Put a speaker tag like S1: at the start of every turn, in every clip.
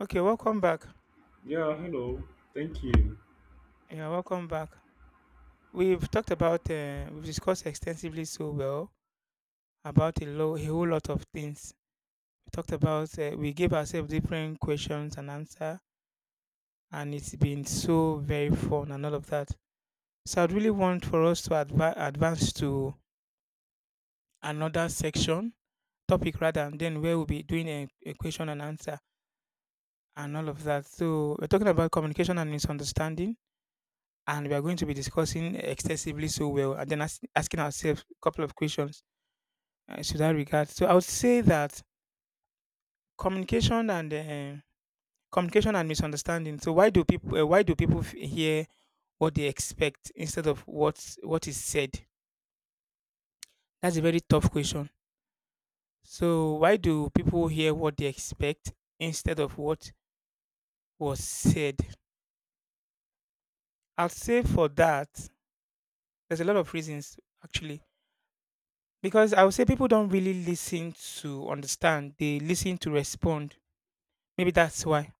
S1: Okay, welcome back.
S2: Yeah, hello. Thank you.
S1: Yeah, welcome back. We've talked about, we've discussed extensively so well about a whole lot of things. We talked about, we gave ourselves different questions and answer, and it's been so very fun and all of that. So I'd really want for us to advance to another section, topic rather, and then where we'll be doing a question and answer and all of that. So we're talking about communication and misunderstanding, and we are going to be discussing extensively so well and then asking ourselves a couple of questions to that regard. So I would say that communication and misunderstanding. So why do people hear what they expect instead of what is said? That's a very tough question. So why do people hear what they expect instead of what was said? I'll say for that there's a lot of reasons actually. Because I would say people don't really listen to understand, they listen to respond. Maybe that's why.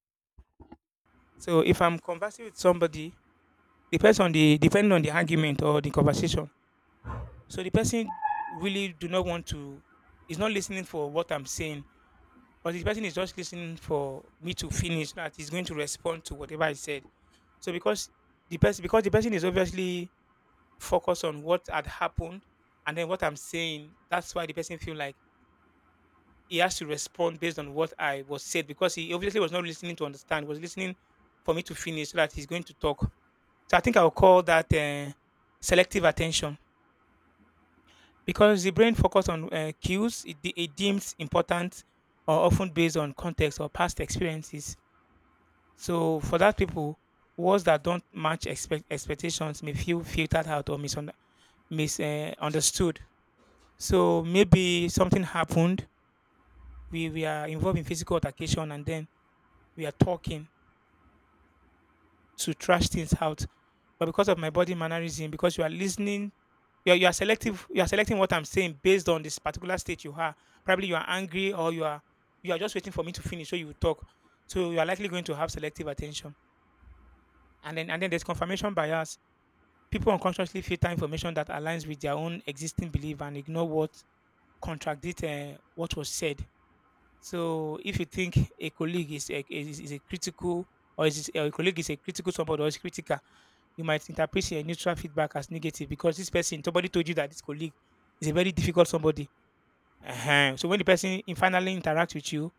S1: So if I'm conversing with somebody, depends on the depending on the argument or the conversation. So the person really do not want to is not listening for what I'm saying, but the person is just listening for me to finish so that he's going to respond to whatever I said. So because the person is obviously focused on what had happened and then what I'm saying, that's why the person feel like he has to respond based on what I was said, because he obviously was not listening to understand. He was listening for me to finish so that he's going to talk. So I think I'll call that selective attention, because the brain focuses on cues it deems important, or often based on context or past experiences. So for that people, words that don't match expectations may feel filtered out or misunderstood. uh, so maybe something happened. We are involved in physical altercation and then we are talking to trash things out. But because of my body mannerism, because you are listening, you are selective. You are selecting what I'm saying based on this particular state you are. Probably you are angry, or you are just waiting for me to finish so you will talk. So you are likely going to have selective attention. And then there's confirmation bias. People unconsciously filter information that aligns with their own existing belief and ignore what contradicts what was said. So if you think a colleague is a critical, or or a colleague is a critical somebody or is critical, you might interpret your neutral feedback as negative, because this person, somebody told you that this colleague is a very difficult somebody. Ehen. So when the person finally interacts with you,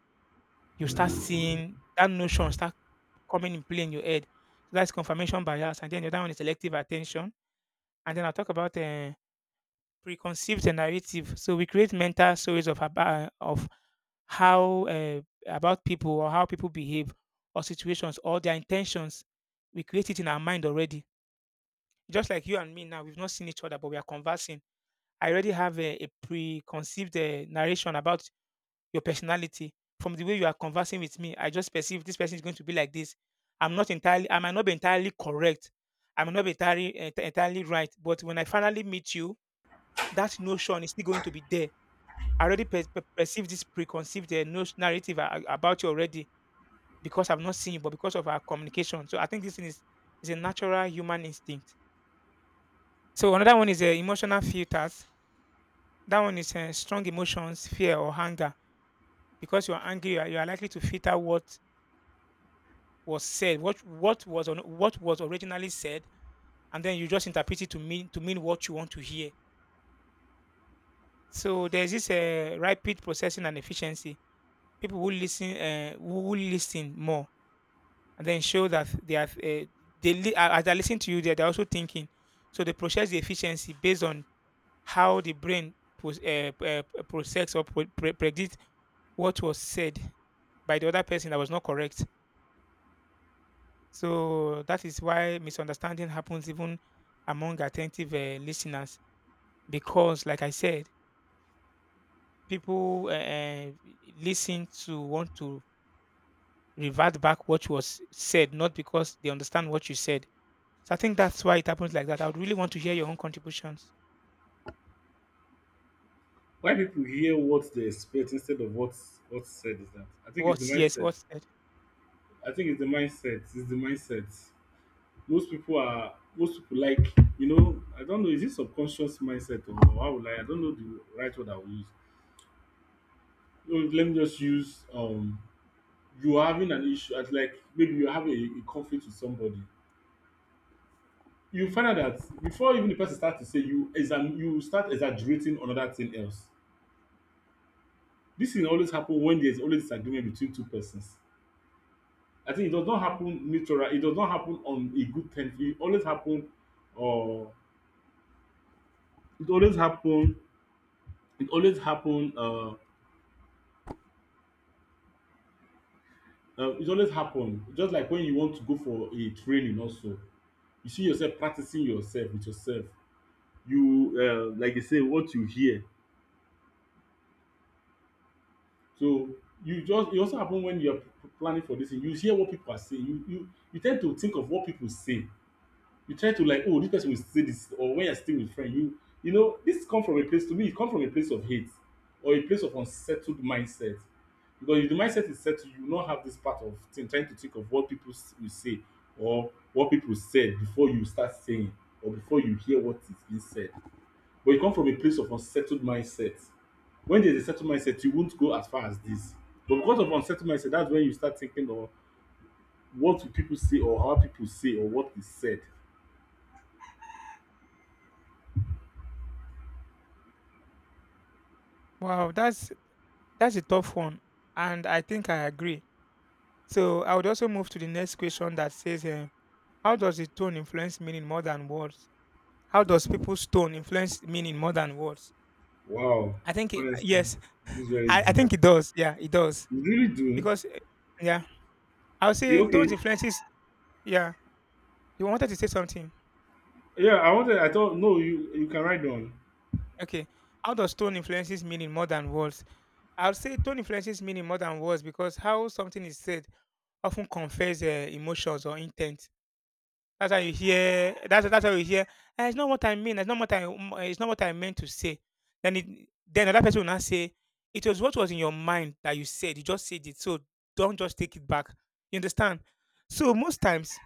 S1: you start seeing that notion start coming in play in your head. So that's confirmation bias. And then the other one is selective attention. And then I'll talk about preconceived narrative. So we create mental stories of, aba- of how about people, or how people behave, or situations, or their intentions. We create it in our mind already, just like you and me now, we've not seen each other, but we are conversing. I already have a preconceived narration about your personality, from the way you are conversing with me. I just perceive this person is going to be like this. I might not be entirely correct. I might not be entirely, ent- entirely right. But when I finally meet you, that notion is still going to be there. I already perceive this preconceived narrative about you already, because I've not seen you, but because of our communication. So I think this thing is a natural human instinct. So another one is emotional filters. That one is strong emotions, fear or anger. Because you are angry, you are likely to filter what was said, what was originally said, and then you just interpret it to mean what you want to hear. So there's this rapid processing and efficiency. People who listen, who listen more, and then show that they are they as they listen to you, they are also thinking. So they process the efficiency based on how the brain process or predict what was said by the other person, that was not correct. So that is why misunderstanding happens even among attentive listeners, because, like I said, people listen to want to revert back what was said, not because they understand what you said. So I think that's why it happens like that. I would really want to hear your own contributions.
S2: Why people hear what they expect instead of what's said is that? I think it's the
S1: What's yes,
S2: mindset.
S1: what's said?
S2: I think it's the mindset. It's the mindset. Most people like. I don't know. Is it subconscious mindset or how would I? I don't know the right word I will use. Let me just use. You are having an issue. At like maybe you have a conflict with somebody. You find out that before even the person starts to say you, you start exaggerating on another thing else. Dis thing always happen wen there's always disagreement between two persons. I think it does not happen mutually, it does not happen on a good terms, e always happen or it always happen it always happen it always happen just like wen you want to go for a training also. You see yourself practicing yourself with yourself. You like dey say what you hear. So you just e also happen wen you are planning for dis thing, you hear what pipu are saying, you ten d to think of what pipu say. You try to like, oh, this person will say this, or when you're still with friend, this come from a place to me, it come from a place of hate or a place of unsettled mindset. Because if the mindset is settled, you will not have this part of thing, trying to think of what people will say or what people said before you start saying or before you hear what is being said. But you come from a place of unsettled mindset. When there's a settled mindset, you won't go as far as this. But because of unsettled mindset, that's when you start thinking of what will people say or how people say or what is said.
S1: Wow, that's a tough one, and I think I agree. So I would also move to the next question that says, eh, how does the tone influence meaning more than words? How does
S2: Mm.
S1: people's tone influence meaning more than words?
S2: Wow,
S1: I think it,
S2: honestly,
S1: yes,
S2: this is very
S1: I
S2: deep.
S1: think it does. Yeah, it does,
S2: You really do?
S1: because eh, yeah, I would
S2: Yeah,
S1: say
S2: okay.
S1: tone influences. Yeah, you wanted to say something.
S2: Yeah, I wanted. I thought no, you can write down.
S1: Okay, how does tone influences meaning more than words? I would say tone influences meaning more than words because how something is said often conveys emotions or intent. That's how you hear, "Ah, it's not what I mean, it's not what I meant to say." Then it then another person will now say, "It was what was in your mind that you said, you just said it, so don't just take it back." You understand? So most times,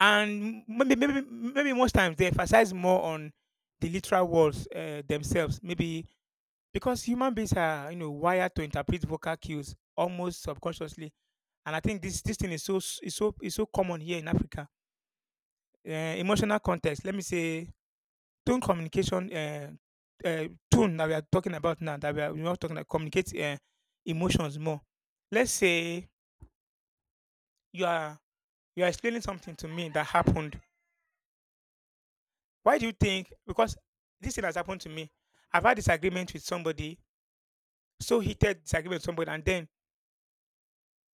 S1: and maybe most times they emphasize more on the literal words, eh, themselves, maybe because human beings are, you know, wired to interpret vocal cues almost subconsciously, and I think this this thing is so s is so common here in Africa. uh, Emotional context. Let me say tone communication. Tone that we are talking about now. That we are talking about communicate emotions more. Let's say you are you are explaining something to me that happened. Why do you think? Because this thing has happened to me. I've had disagreement with somebody, so heated disagreement with somebody, and then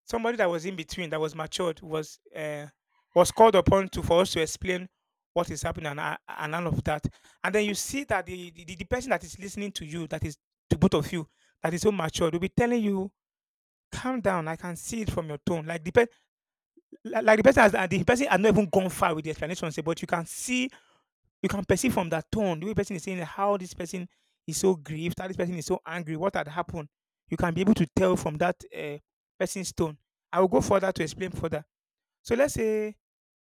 S1: somebody that was in between, that was matured, was called upon to for us to explain what is happening, and, and all of that. And then you see that the person that is listening to you, that is to both of you, that is so matured, will be telling you, "Calm down. I can see it from your tone." Like the person has, and the person has not even gone far with the explanation, say, but you can see, you can perceive from that tone the way person is saying how this person is so grieved, how this person is so angry, what had happened. You can be able to tell from that person's tone. I will go further to explain further. So let's say,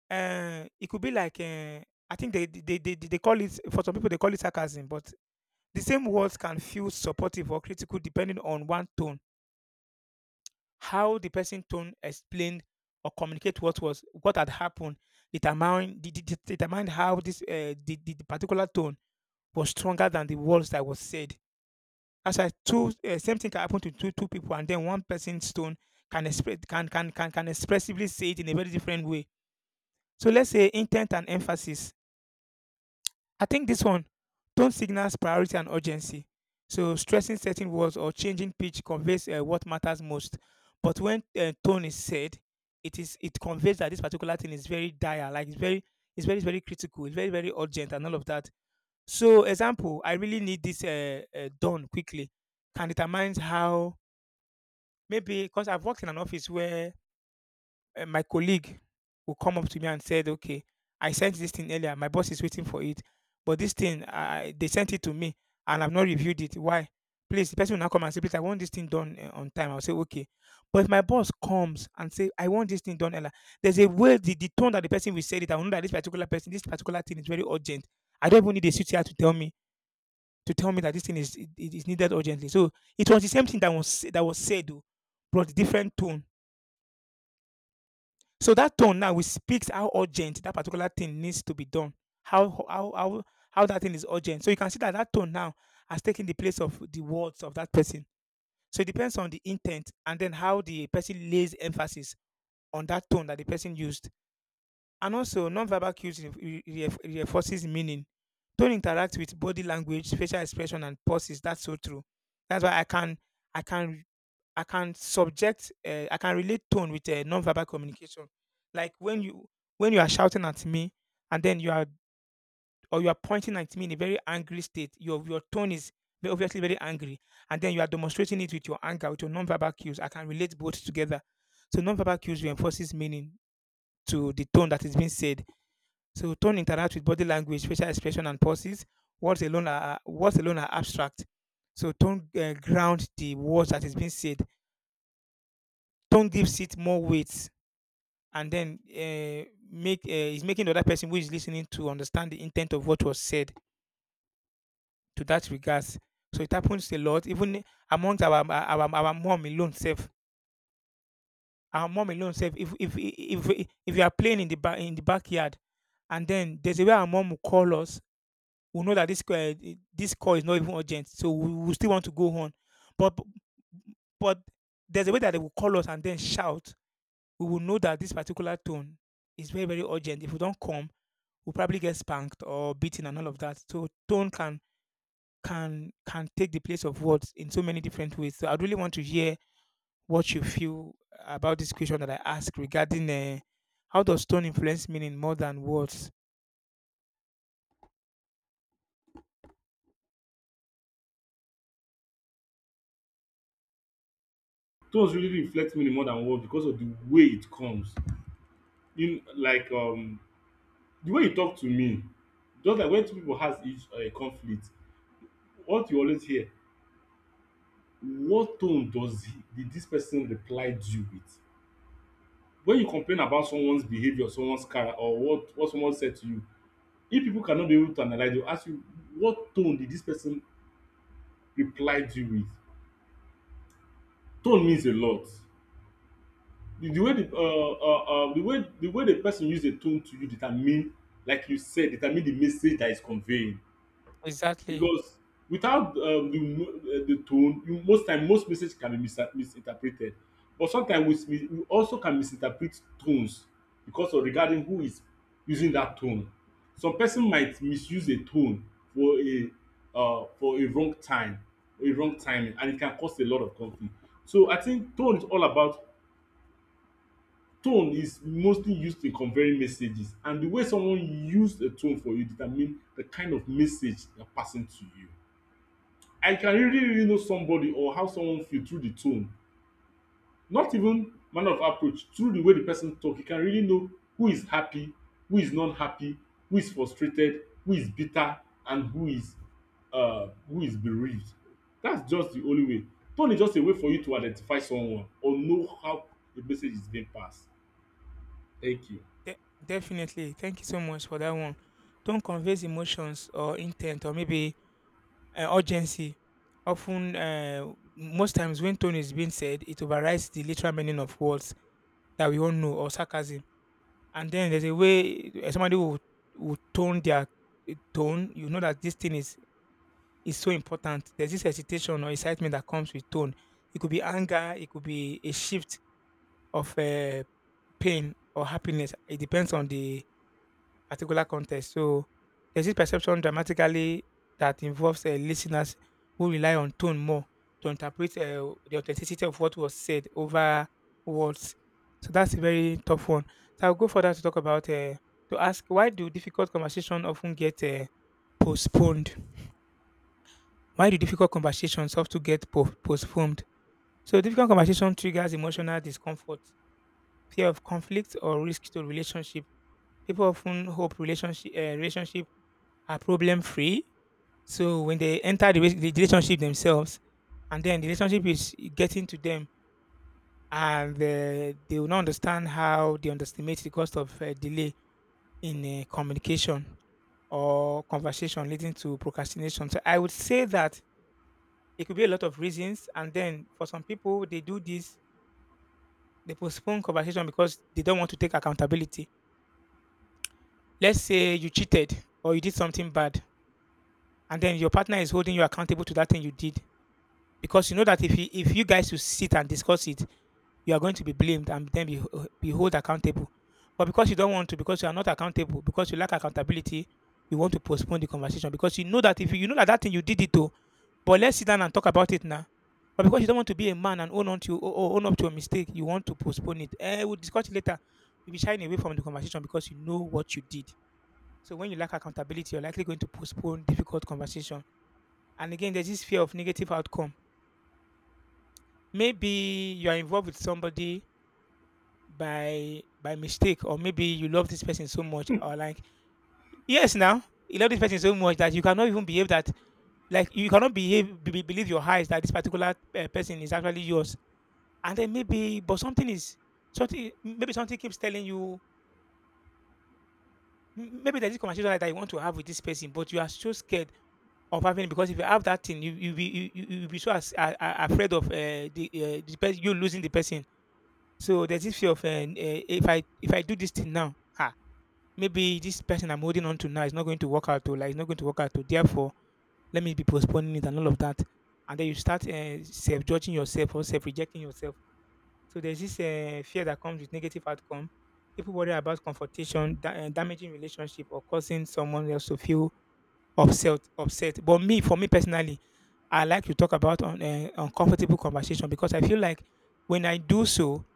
S1: it could be like, I think they call it, for some people they call it sarcasm, but the same words can feel supportive or critical depending on one tone. How the person tone explained or communicate what was what had happened, determine de- de- de- determine how this the particular tone was stronger than the words that was said. As why two same thing can happen to two people, and then one person's tone can express, can expressively say it in a very different way. So let's say intent and emphasis. I think this one, tone signals priority and urgency. So stressing certain words or changing pitch conveys what matters most. But when tone is said, it conveys that this particular thing is very dire, like it's very, it's very very critical, it's very very urgent, and all of that. So example, I really need this done quickly, can determine how, maybe because I've worked in an office where my colleague will come up to me and said, "Okay, I sent this thing earlier. My boss is waiting for it, but this thing I they sent it to me and I've not reviewed it. Why? Please," the person will now come and say, "Please, I want this thing done on time." I'll say, okay. But if my boss comes and say, I want this thing done, earlier, there's a way, the tone that the person will say it, I will know that this particular person, this particular thing is very urgent. I don't even need a CTR to tell me that this thing is, it is needed urgently. So it was the same thing that was said, oh, but different tone, so that tone now will speaks how urgent that particular thing needs to be done. How how how how that thing is urgent. So you can see that that tone now has taken the place of the words of that person. So it depends on the intent and then how the person lays emphasis on that tone that the person used. And also, non-verbal cues reinforces meaning. Tone interacts with body language, facial expression, and pauses. That's so true. That's why I can I can subject, I can relate tone with non-verbal communication. Like when you are shouting at me, and then you are pointing at me in a very angry state. Your tone is obviously very angry, and then you are demonstrating it with your anger, with your non-verbal cues. I can relate both together. So non-verbal cues reinforces meaning to the tone that is being said. So tone interacts with body language, facial expression, and pauses. Words alone are abstract. So tone ground the words that is being said. Tone gives it more weight and then make is making the other person who is listening to understand the intent of what was said to that regards. So it happens a lot, even amongst our mom alone self. Our mom alone self. If you are playing in the in the backyard, and then there's a way our mom will call us, we know that this this call is not even urgent, so we still want to go on. But but there's a way that they will call us and then shout, we will know that this particular tone is very, very urgent. If we don't come, we'll probably get spanked or beaten and all of that. So tone can take the place of words in so many different ways. So I really want to hear what you feel about this question that I asked regarding how does tone influence meaning more than words?
S2: Tones really reflect me more than words because of the way it comes. In like the way you talk to me, just like when two people has each conflict, what you always hear. What tone did this person reply you with? When you complain about someone's behavior, someone's car, or what someone said to you, if people cannot be able to analyze, they will ask you what tone did this person replied you with. Tone means a lot. The way the way the way the person use a tone to you determine, like you said, determine the message that is conveying.
S1: Exactly.
S2: Because without the tone, you, most time most message can be misinterpreted. But sometimes we also can misinterpret tones because of regarding who is using that tone. Some person might misuse a tone for a for a wrong time, a wrong timing, and it can cause a lot of conflict. So I think tone is all about. Tone is mostly used in conveying messages, and the way someone use a tone for you determine the kind of message they're passing to you. I can really really know somebody or how someone feel through the tone, not even manner of approach, through the way the person talk you can really know who is happy, who is not happy, who is frustrated, who is bitter and who is bereaved. That's just the only way. Tone is just a way for you to identify someone or know how a message is being passed. Thank you.
S1: De- Definitely. Thank you so much for that one. Tone conveys emotions or intent or maybe urgency. Often, most times when tone is being said, it overrides the literal meaning of words that we all know or sarcasm. And then there's a way will tone their tone. You know that this thing is so important. There's this hesitation or excitement that comes with tone. It could be anger. It could be a shift of pain or happiness. It depends on the particular context. So there's this perception dramatically that involves listeners who rely on tone more to interpret the authenticity of what was said over words. So that's a very tough one. So I'll go further to talk about to ask, why do difficult conversations often get postponed? Why do difficult conversations often get postponed? So difficult conversation triggers emotional discomfort, fear of conflict, or risk to relationship. People often hope relationship are problem free. So when they enter the relationship themselves, and then the relationship is getting to them, and they will not understand how they underestimate the cost of delay in communication or conversation leading to procrastination. So I would say that it could be a lot of reasons, and then for some people they do this, they postpone conversation because they don't want to take accountability. Let's say you cheated or you did something bad, and then your partner is holding you accountable to that thing you did, because you know that if you guys will sit and discuss it, you are going to be blamed and then be held accountable. But because you don't want to, because you are not accountable, because you lack accountability, you want to postpone the conversation because you know that if you, you know that that thing you did it to, but let's sit down and talk about it now. But because you don't want to be a man and own up to a mistake, you want to postpone it. Eh, we'll discuss it later. You'll be shying away from the conversation because you know what you did. So when you lack accountability, you're likely going to postpone difficult conversation. And again, there's this fear of negative outcome. Maybe you are involved with somebody by mistake, or maybe you love this person so much, or like yes, now you love this person so much that you cannot even behave that, like you cannot believe your eyes that this particular person is actually yours. And then maybe, but something is something. Maybe something keeps telling you. Maybe there's this conversation that I want to have with this person, but you are so scared of having it, because if you have that thing, you will be so afraid of the person, you losing the person. So there's this fear of, eh, if I do this thing now, ah, maybe this person I'm holding on to now is not going to work out, or like it's not going to work out, to therefore let me be postponing it and all of that. And then you start self-judging yourself or self-rejecting yourself. So there's this fear that comes with negative outcome. People worry about confrontation, damaging relationship, or causing someone else to feel upset. Upset. But me, for me personally, I like to talk about uncomfortable conversation because I feel like when I do so,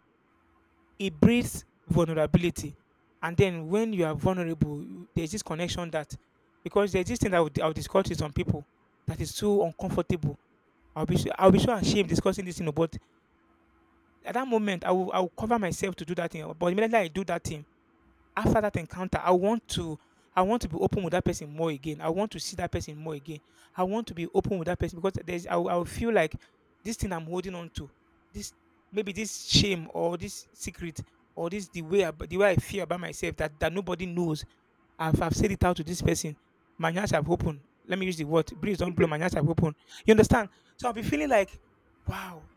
S1: it breeds vulnerability. And then when you are vulnerable, you- there's this connection that, because there's this thing that I would discuss with some people that is so uncomfortable. I'll be so ashamed discussing this thing, but at that moment I will cover myself to do that thing. But immediately I do that thing, after that encounter, I want to be open with that person more again. I want to see that person more again. I want to be open with that person because there's, I will feel like this thing I'm holding on to, this, maybe this shame or this secret or this, the way I feel about myself that that nobody knows. I've said it out to this person. My eyes have opened. Let me use the word. Breeze don't blow. My eyes have opened. You understand? So I'll be feeling like, wow,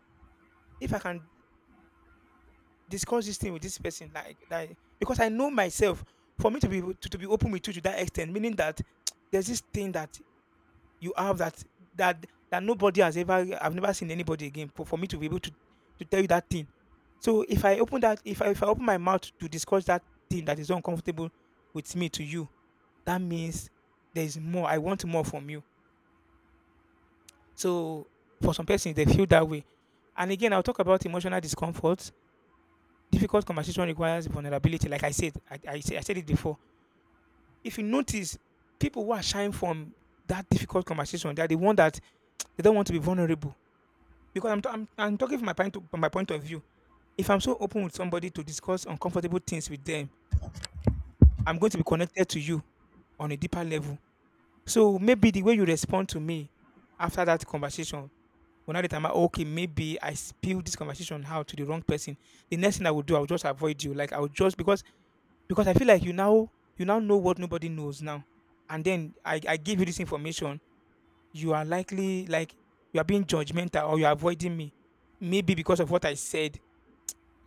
S1: if I can discuss this thing with this person like that, because I know myself, for me to to be open with you to that extent, meaning that there's this thing that you have that that nobody has ever, I've never seen anybody again, for me to be able to tell you that thing. So if I open that if if I open my mouth to discuss that thing that is uncomfortable with me to you, that means there's more, I want more from you. So for some persons they feel that way. And again, I'll talk about emotional discomfort. Difficult conversation requires vulnerability, like I said. I said it before. If you notice, people who are shying from that difficult conversation, they're the one that they don't want to be vulnerable. Because I'm talking from from my point of view. If I'm so open with somebody to discuss uncomfortable things with them, I'm going to be connected to you on a deeper level. So maybe the way you respond to me after that conversation, when I determine, okay, maybe I spilled this conversation out to the wrong person, the next thing I would do, I would just avoid you. Like I would just, because I feel like you now know what nobody knows now, and then I give you this information, you are likely like you are being judgmental or you are avoiding me, maybe because of what I said,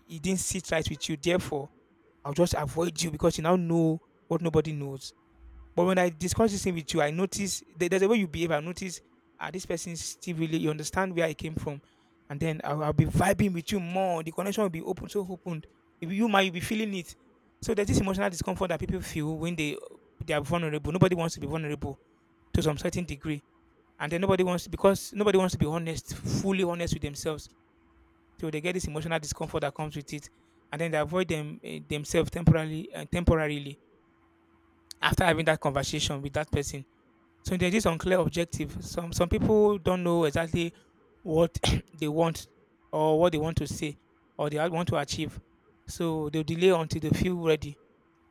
S1: it didn't sit right with you. Therefore, I'll just avoid you because you now know what nobody knows. But when I discuss this thing with you, I notice there- there's a way you behave. I notice, ah, this person still really you understand where I came from, and then I'll be vibing with you more. The connection will be open, so opened. If you might you'll be feeling it, so there's this emotional discomfort that people feel when they are vulnerable. Nobody wants to be vulnerable to some certain degree, and then nobody wants to be honest, fully honest with themselves. So they get this emotional discomfort that comes with it, and then they avoid them eh, themselves temporarily, temporarily after having that conversation with that person. So there's this unclear objective. Some people don't know exactly what they want, or what they want to say, or they want to achieve. So they'll delay until they feel ready.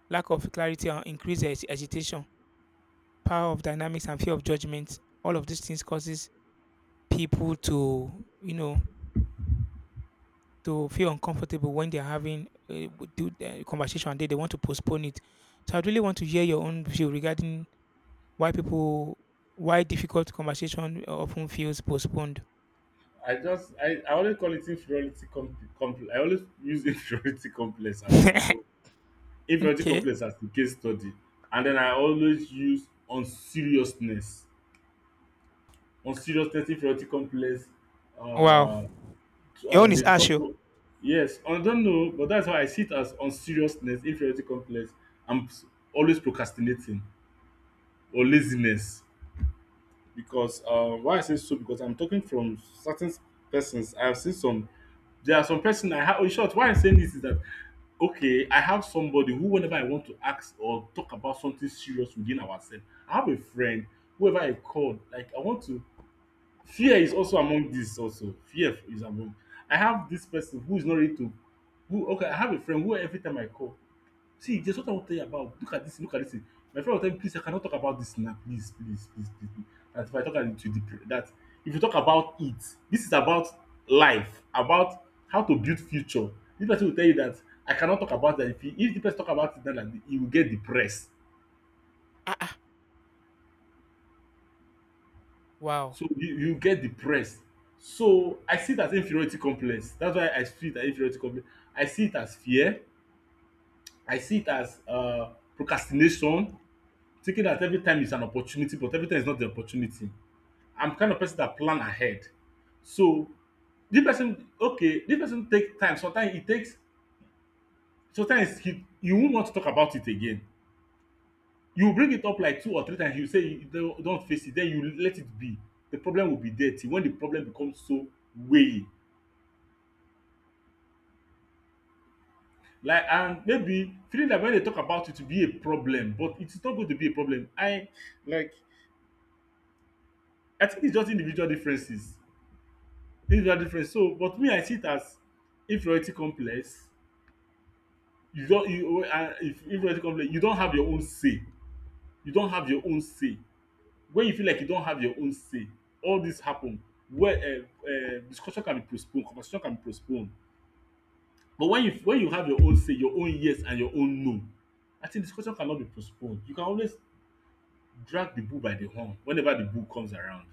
S1: Lack of clarity and agitation, power of dynamics, and fear of judgment. All of these things causes people to, you know, to feel uncomfortable when they're having a do the conversation, and they want to postpone it. So I really want to hear your own view regarding why people why difficult conversation often feels postponed.
S2: I always call it inferiority complex. I always use inferiority complex as my own inferiority
S1: Okay.
S2: complex as the case study, and then I always use unseriousness, inferiority complex.
S1: Wow.
S2: Uh,
S1: Your own is
S2: they talk.
S1: harsh oh.
S2: Yes, I don't know, but that's why I see it as unseriousness, inferiority complex. I'm always procrastinating or laziness. Because why I say so because I'm talking from certain persons. I've seen some. There are some person I have. In short, why I'm saying this is that okay, I have somebody who whenever I want to ask or talk about something serious within ourselves, I have a friend whoever I called. Like I want to. Fear is also among this. Also, fear is among. I have this person who is not ready to. Who okay? I have a friend who every time I call. See, there's what I want to tell you about. Look at this, look at this. My friend will tell me, please, I cannot talk about this now. Please, please, please, please, please. That if I talk about it, that if you talk about it, this is about life, about how to build future. This person will tell you that I cannot talk about that. If the person talk about it, then like, he will get depressed.
S1: Ah ah. Wow.
S2: So you get depressed. So I see it as inferiority complex. That's why I see it as inferiority complex. I see it as fear. I see it as procrastination. Thinking that every time is an opportunity, but every time is not the opportunity. I'm kind of person that plan ahead. So this person, okay, this person take time. Sometimes it takes. Sometimes you won't want to talk about it again. You bring it up like two or three times. You say you don't face it. Then you let it be. The problem will be there till when the problem becomes so weighing. Like and maybe feeling that when they talk about it to be a problem, but it's not going to be a problem. I like. I think it's just individual differences. Individual difference, so but me, I see it as inferiority complex. You don you, and if inferiority complex, you don have your own say, you don have your own say. When you feel like you don have your own say, all this happen where discussion can be postponed, conversation can be postponed. But when you have your own say, your own yes and your own no, I think discussion cannot be postponed. You can always drag the bull by the horn whenever the bull comes around.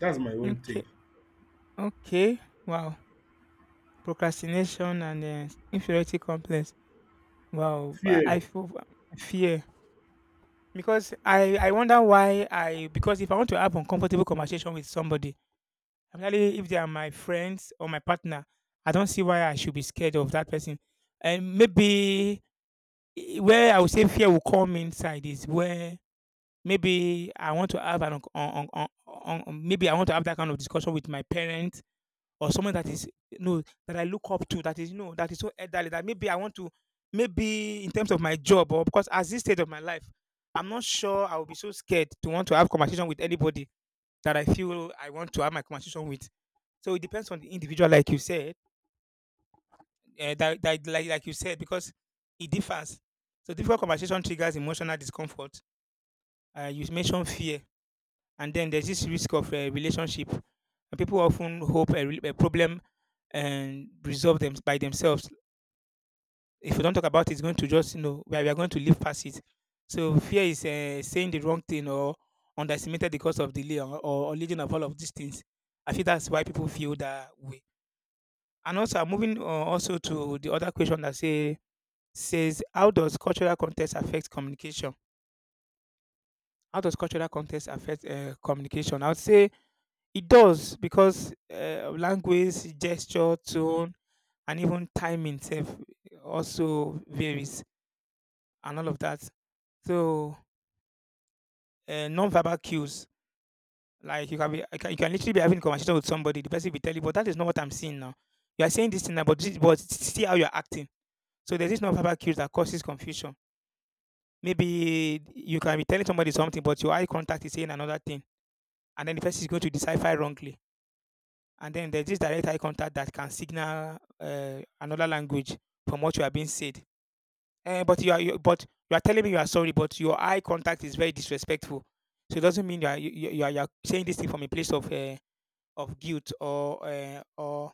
S2: That's my own take.
S1: Okay. Okay. Wow. Procrastination and inferiority complex. Wow. I
S2: Fear.
S1: I feel fear, because I wonder why I because if I want to have uncomfortable conversation with somebody, especially if they are my friends or my partner, I don't see why I should be scared of that person. And maybe where I would say fear will come inside is where. Maybe I want to have an on maybe I want to have that kind of discussion with my parents, or someone that is no that I look up to, that is no that is so elderly, that maybe I want to, maybe in terms of my job, or because at this stage of my life, I'm not sure I will be so scared to want to have conversation with anybody that I feel I want to have my conversation with. So it depends on the individual, like you said, that, that like you said, because it differs. So different conversation triggers emotional discomfort. You mentioned fear. And then there's this risk of a relationship. And people often hope a problem and resolve them by themselves. If we don't talk about it, it's going to just, you know, we are going to live past it. So fear is saying the wrong thing, or underestimated the cause of delay, or leading of all of these things. I feel that's why people feel that way. And also, I'm moving also to the other question that says, how does cultural context affect communication? How does cultural context affect communication? I would say it does, because language, gesture, tone, and even time itself also varies, and all of that. So non-verbal cues, like you can you can, you can literally be having a conversation with somebody. The person will tell you, "But that is not what I'm seeing now. You are saying this thing now, but this, but see how you are acting." So there's this non-verbal cues that causes confusion. Maybe you can be telling somebody something, but your eye contact is saying another thing, and then the person is going to decipher wrongly, and then there's this direct eye contact that can signal another language from what you are being said. But you are telling me you are sorry, but your eye contact is very disrespectful. So it doesn't mean you are you, you you are saying this thing from a place of guilt, or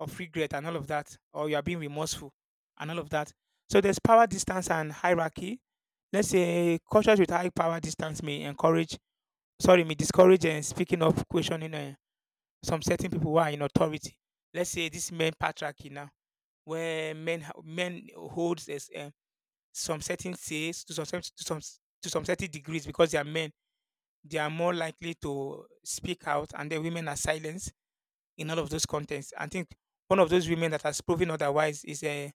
S1: of regret and all of that, or you are being remorseful and all of that. So there's power distance and hierarchy. Let's say cultures with high power distance may encourage, sorry, may discourage and speaking of questioning. Some certain people who are in authority. Let's say this men patriarchy now, where men holds as, some certain says to some cer- to some s- to some certain degrees, because they are men. They are more likely to speak out, and the women are silenced in all of those contexts. I think one of those women that has proven otherwise is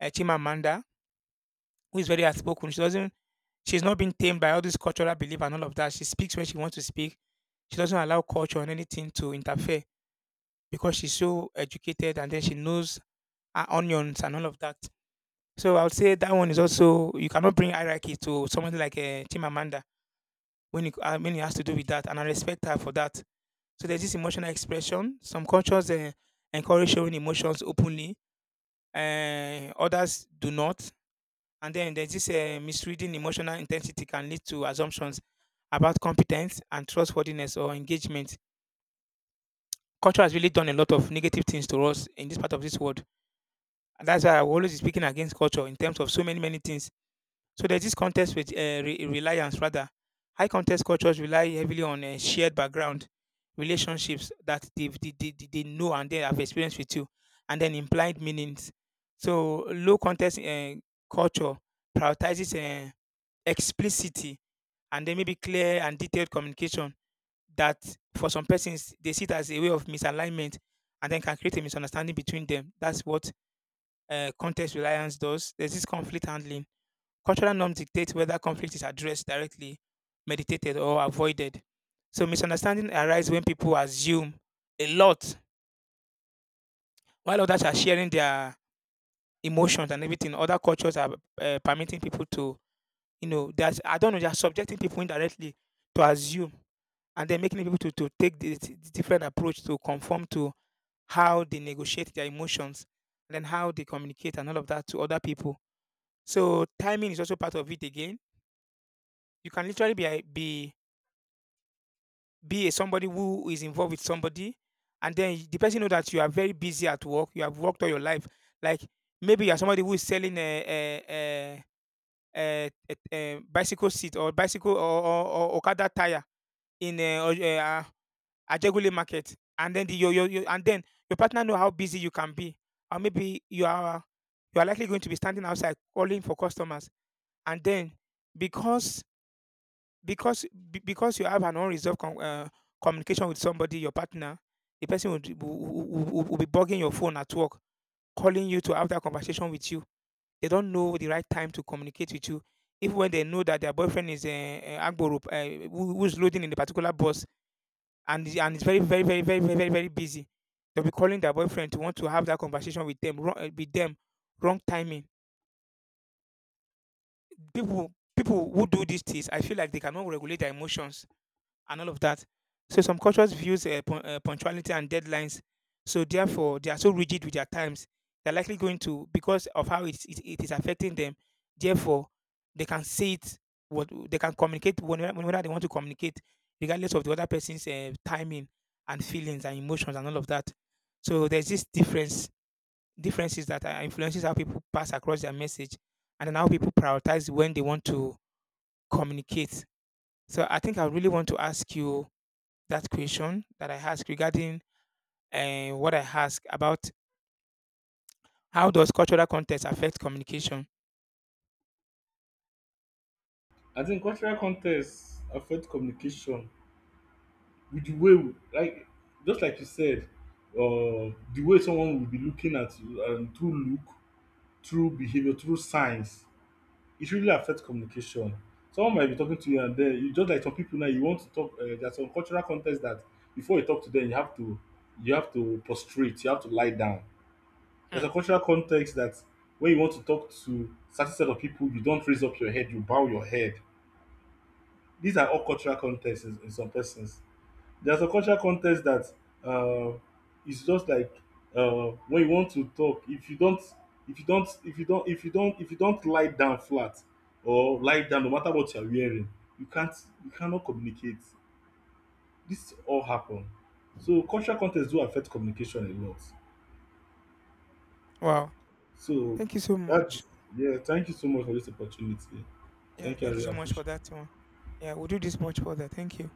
S1: a Chimamanda, who is very outspoken. She doesn't. She's not been tamed by all this cultural belief and all of that. She speaks when she wants to speak. She doesn't allow culture and anything to interfere, because she's so educated, and then she knows her onions and all of that. So I would say that one is also you cannot bring hierarchy to somebody like Chimamanda when when it has to do with that, and I respect her for that. So there's this emotional expression. Some cultures encourage showing emotions openly, others do not. And then there's this misreading emotional intensity can lead to assumptions about competence and trustworthiness or engagement. Culture has really done a lot of negative things to us in this part of this world. And that's why I will always be speaking against culture in terms of so many, many things. So there's this contest with reliance, rather. High contest cultures rely heavily on shared background, relationships that they know and they have experienced with you, and then implied meanings. So low contest culture prioritizes explicity, and then maybe clear and detailed communication that for some persons they see it as a way of misalignment, and then can create a misunderstanding between them. That's what context reliance does. There's this conflict handling. Cultural norms dictate whether conflict is addressed directly, meditated, or avoided. So misunderstanding arise when people assume a lot, while others are sharing their emotions and everything. Other cultures are permitting people to, you know, that's I don't know, they are subjecting people indirectly to assume, and then making to take this different approach to conform to how they negotiate their emotions, and then how they communicate and all of that to other people. So timing is also part of it again. You can literally be a somebody who is involved with somebody, and then the person know that you are very busy at work. You have worked all your life. Like maybe you are somebody who is selling a, a, a bicycle seat, or bicycle, or or Okada tire in a, Ajegule market, and then the, your and then your partner know how busy you can be, or maybe you are likely going to be standing outside calling for customers, and then because because because you have an unresolved communication with somebody, your partner, the person will, d- will be bugging your phone at work, calling you to have that conversation with you. They don't know the right time to communicate with you. Even when they know that their boyfriend is a agboro, who's loading in the particular bus, and is very very very very very very very busy, they'll be calling their boyfriend to want to have that conversation with them. Wrong timing. People who do these things, I feel like they cannot regulate their emotions and all of that. So some cultures views punctuality and deadlines. So therefore, they are so rigid with their times. They're likely going to, because of how it is affecting them. Therefore, they can say it, what they can communicate whenever, whenever they want to communicate, regardless of the other person's timing and feelings and emotions and all of that. So there's this differences that influences how people pass across their message, and then how people prioritize when they want to communicate. So I think I really want to ask you that question that I asked regarding what I asked about, how does cultural context affect communication?
S2: I think cultural context affect communication with the way just like you said. The way someone will be looking at you and through look through behavior through signs, it really affects communication. Someone might be talking to you and then you just like some people now you want to talk. There's some cultural context that before you talk to them, you have to prostrate, you have to lie down. There's
S1: Hmm.
S2: a cultural context that when you want to talk to certain set of people, you don't raise up your head, you bow your head. These are all cultural contexts in some persons. There's a cultural context that uh, it's just like when you want to talk, if you don't lie down flat or lie down, no matter what you're wearing, you can't, you cannot communicate. This all happen. So cultural context do affect communication a lot.
S1: Wow.
S2: So
S1: Thank you so much.
S2: that's yeah. Thank you so much for this opportunity.
S1: Yeah,
S2: Thank you. I
S1: thank you
S2: really
S1: so much for
S2: appreciate
S1: that
S2: it.
S1: one. Yeah, we'll do this much further. Thank you.